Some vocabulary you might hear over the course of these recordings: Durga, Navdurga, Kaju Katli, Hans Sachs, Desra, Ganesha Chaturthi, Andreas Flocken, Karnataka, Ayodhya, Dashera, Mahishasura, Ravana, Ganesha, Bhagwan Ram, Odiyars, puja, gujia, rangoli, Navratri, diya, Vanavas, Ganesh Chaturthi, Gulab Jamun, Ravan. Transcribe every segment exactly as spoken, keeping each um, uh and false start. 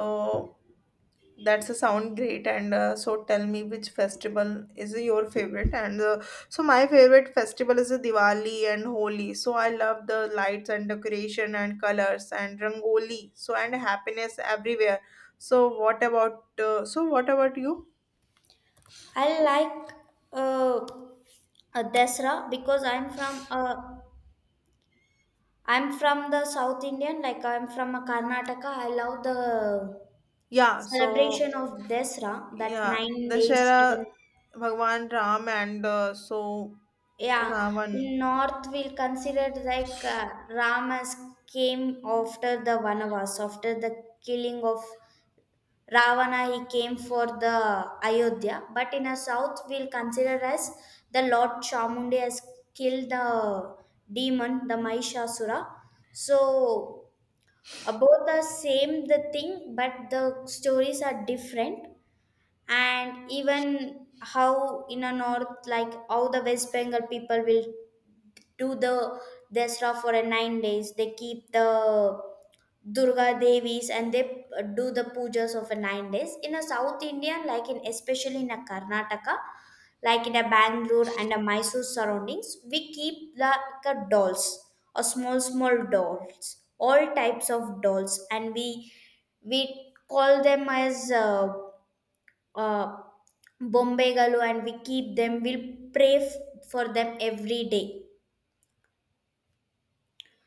So that's a sound great. And uh, so tell me, which festival is your favorite? And uh, so my favorite festival is uh, Diwali and Holi. So I love the lights and decoration and colors and rangoli. So and happiness everywhere. So what about uh, so what about you? I like uh, uh, Desra because I'm from uh, I'm from the South Indian, like I'm from a Karnataka. I love the Yeah, so celebration of Desra that yeah, nine days. Dashera, Even Bhagwan Ram, and uh, so yeah, Ravan. in North we'll consider like uh, Ramas came after the Vanavas, after the killing of Ravana. He came for the Ayodhya, but in the south we'll consider as the Lord Chamundi has killed the demon, the Mahishasura. So uh, both are same the thing, but the stories are different, and even how in a north, like how the West Bengal people will do the dasra for a nine days, they keep the durga devis, and they uh, do the pujas of a nine days. In a south india, like in especially in a karnataka, like in a bangalore and a mysore surroundings, we keep like a dolls or small small dolls, all types of dolls, and we we call them as uh, Ah, Bombay galu, and we keep them. We pray f- for them every day,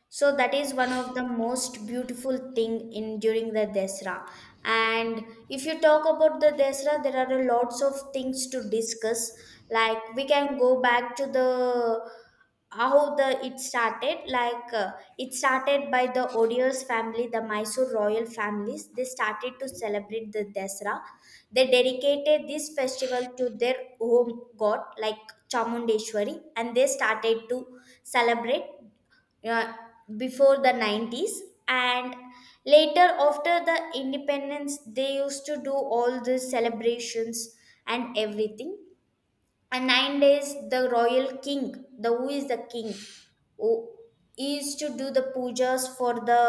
so that is one of the most beautiful thing in during the Desra. And if you talk about the Desra, there are a lots of things to discuss. Like we can go back to the how the it started. Like uh, it started by the Odiyars family, the Mysore royal families. They started to celebrate the Desra. They dedicated this festival to their home god, like Chamundeshwari, and they started to celebrate uh, before the nineties, and later after the independence they used to do all the celebrations and everything, and nine days the royal king, the who is the king who is to do the pujas for the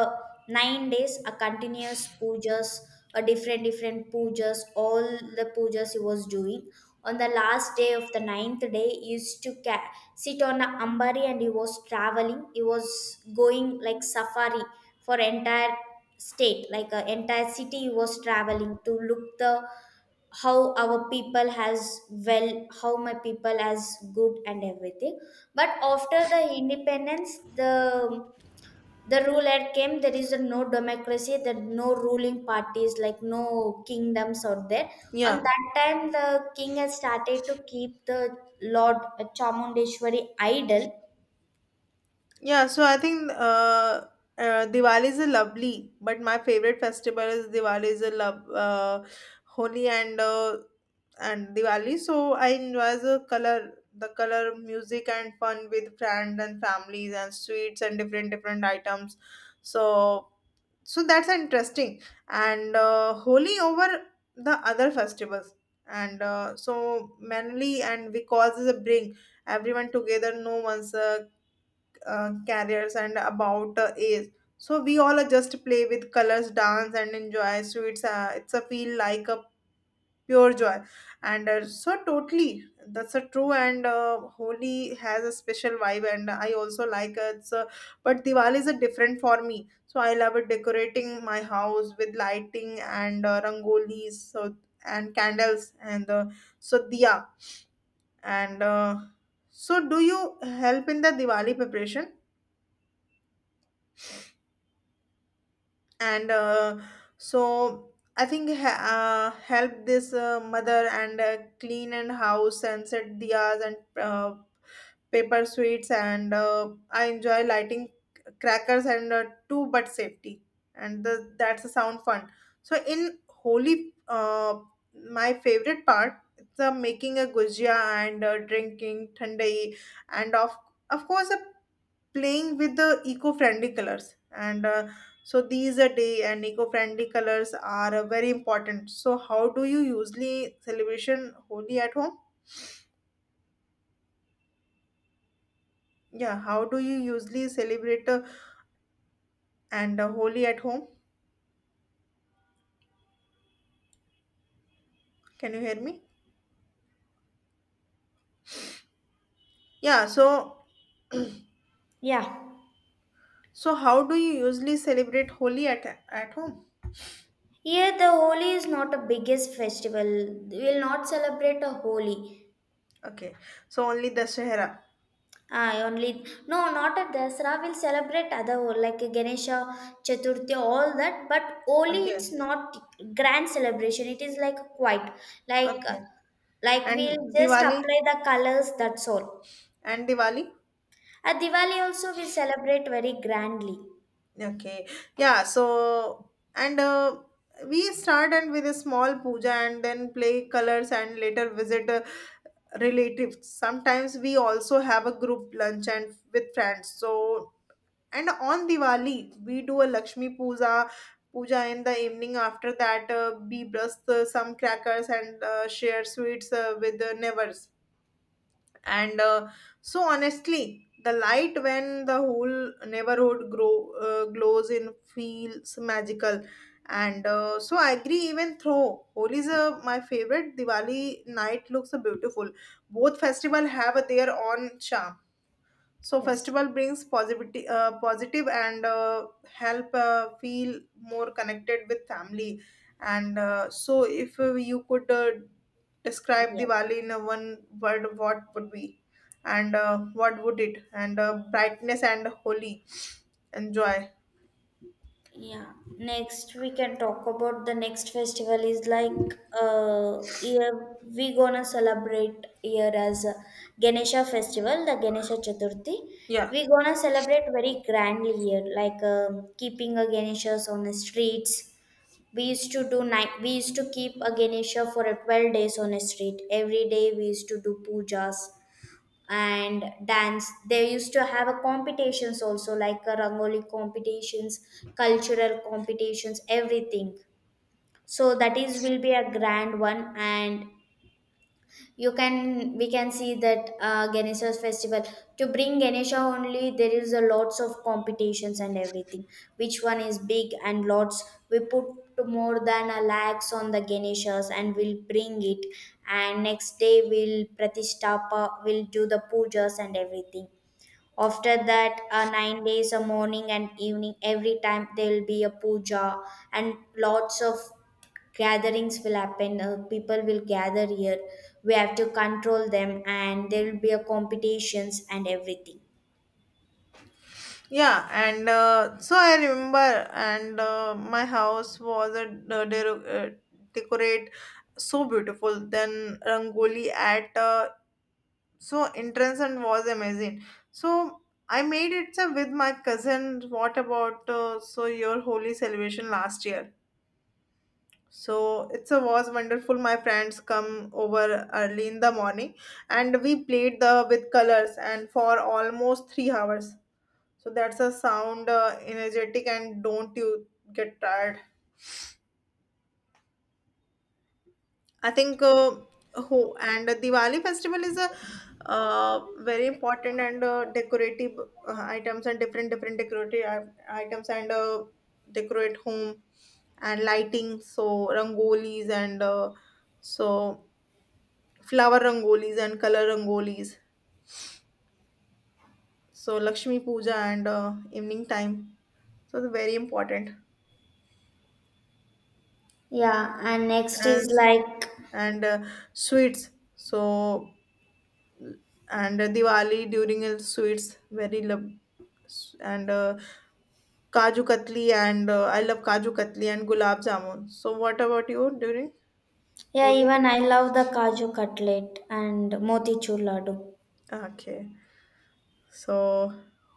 nine days, a continuous pujas, a different different pujas, all the pujas he was doing. On the last day of the ninth day, he used to ca- sit on a ambari, and he was traveling, he was going like safari for entire state, like a entire city he was traveling to look the how our people has well, how my people as good and everything. But after the independence, the the ruler came, there is a no democracy, that no ruling parties, like no kingdoms out there. Yeah. On that time, the king has started to keep the lord chamundeshwari idol. Yeah, so I think uh, uh, Diwali is a lovely, but my favorite festival is Diwali is a love, uh, Holi and uh, and Diwali. So I enjoy the color, the color music and fun with friends and families and sweets and different different items. So so that's interesting. And uh, Holi over the other festivals. And uh, so mainly and because it's a bring everyone together, no one's uh, uh, careers and about uh, age. So we all uh, just play with colors, dance, and enjoy sweets. it's it's a feel like a pure joy, and uh, so totally that's a true. And uh, Holi has a special vibe, and I also like it. So, but Diwali is a different for me. So I love it decorating my house with lighting and uh, rangolis, so and candles and uh, so diya and uh, so do you help in the Diwali preparation? And uh, so I think he- uh, help this uh, mother and uh, clean and house and set diyas and uh, paper sweets and uh, I enjoy lighting crackers and uh, too, but safety. And the, that's a sound fun. So in holy, uh, my favorite part it's uh, making a gujia and uh, drinking thandai and of of course a playing with the eco-friendly colors and uh, So these are day and eco-friendly colors are uh, very important. So how do you usually celebration holy at home? Yeah, how do you usually celebrate uh, and uh, holy at home? Can you hear me? Yeah, so Yeah, so how do you usually celebrate holy at at home? here the Holi is not a biggest festival. We will not celebrate a Holi. Okay, so only Dashera. I only no, not at Dasara. We'll celebrate other ho- like Ganesha Chaturthi, all that. But Holi, it's Okay. not grand celebration. It is like quite like Okay. like And we'll just Diwali. apply the colors. That's all. And Diwali. At Diwali also we celebrate very grandly. Okay. Yeah. So, and uh, we started with a small puja and then play colors and later visit uh, relatives. Sometimes we also have a group lunch and with friends. So, and on Diwali, we do a Lakshmi puja. Puja in the evening. After that, uh, we brush uh, some crackers and uh, share sweets uh, with the neighbors and uh, so Honestly, the light when the whole neighborhood grow uh, glows in feels magical, and uh, so i agree, even though holi is uh, my favorite, Diwali night looks uh, beautiful. Both festival have their own charm. So Yes. festival brings positivity uh, positive and uh, help uh, feel more connected with family. And uh, so if uh, you could uh, describe Yeah. Diwali in a one word, what would be and uh, what would it and uh, brightness and holy and joy. Yeah. Next, we can talk about the next festival is like uh year we gonna celebrate here as a Ganesha festival, the Ganesha Chaturthi. Yeah. We gonna celebrate very grandly here, like um keeping a Ganeshas on the streets. We used to do night. We used to keep a Ganesha for a twelve days on a street. Every day we used to do pujas and dance, they used to have a competitions also, like a rangoli competitions, cultural competitions, everything. So that is will be a grand one, and you can, we can see that uh, ganesha's festival, to bring ganesha only, there is a lots of competitions and everything, which one is big and lots. We put to more than a lakhs on the ganeshas, and we'll bring it, and next day we'll pratistapa, we'll do the pujas and everything. After that, uh, nine days, a morning and evening, every time there will be a puja, and lots of gatherings will happen. Uh, people will gather here. We have to control them, and there will be a competitions and everything. Yeah and uh, so i remember and uh, my house was a, a, de- uh, decorate so beautiful then rangoli at uh, so entrance and was amazing. So I made it uh, with my cousin. What about uh, so your holy celebration last year? So it's a was wonderful. My friends come over early in the morning and we played the with colors and for almost three hours. So that's a sound uh, energetic. And don't you get tired? I think uh, who and Diwali festival is a uh, very important and uh, decorative uh, items and different different decorative i- items and uh, decorate home and lighting. So rangolis and uh, so flower rangolis and color rangolis, so Lakshmi Puja and uh, evening time, so it's very important. Yeah, and next and is like and uh, sweets. So and Diwali during uh, sweets very love and uh, Kaju Katli and uh, I love Kaju Katli and Gulab Jamun. So what about you during yeah, Holi? even I love the kaju cutlet and motichur laddu. Okay. So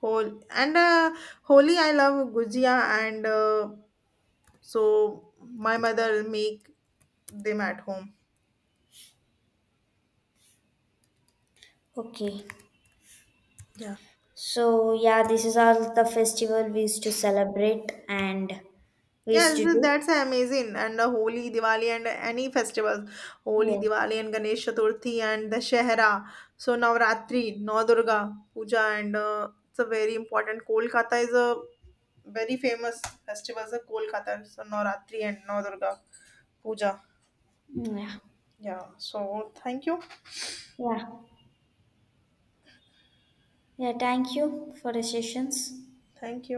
Hol and uh, Holi I love gujia and uh, so my mother make them at home. Okay. Yeah. So yeah, this is all the festival we used to celebrate and we used Yes, to do. that's amazing. And uh, Holi, Diwali, and any festivals. Holi, Yes. Diwali, and Ganesh Chaturthi, and Dashehra. So Navratri, Navdurga, Puja, and uh, it's a very important. Kolkata is a very famous festivals are Kolkata, so Navratri and Navadurga Puja. Yeah. Yeah. So thank you, Yeah. Yeah, thank you for the sessions. thank you.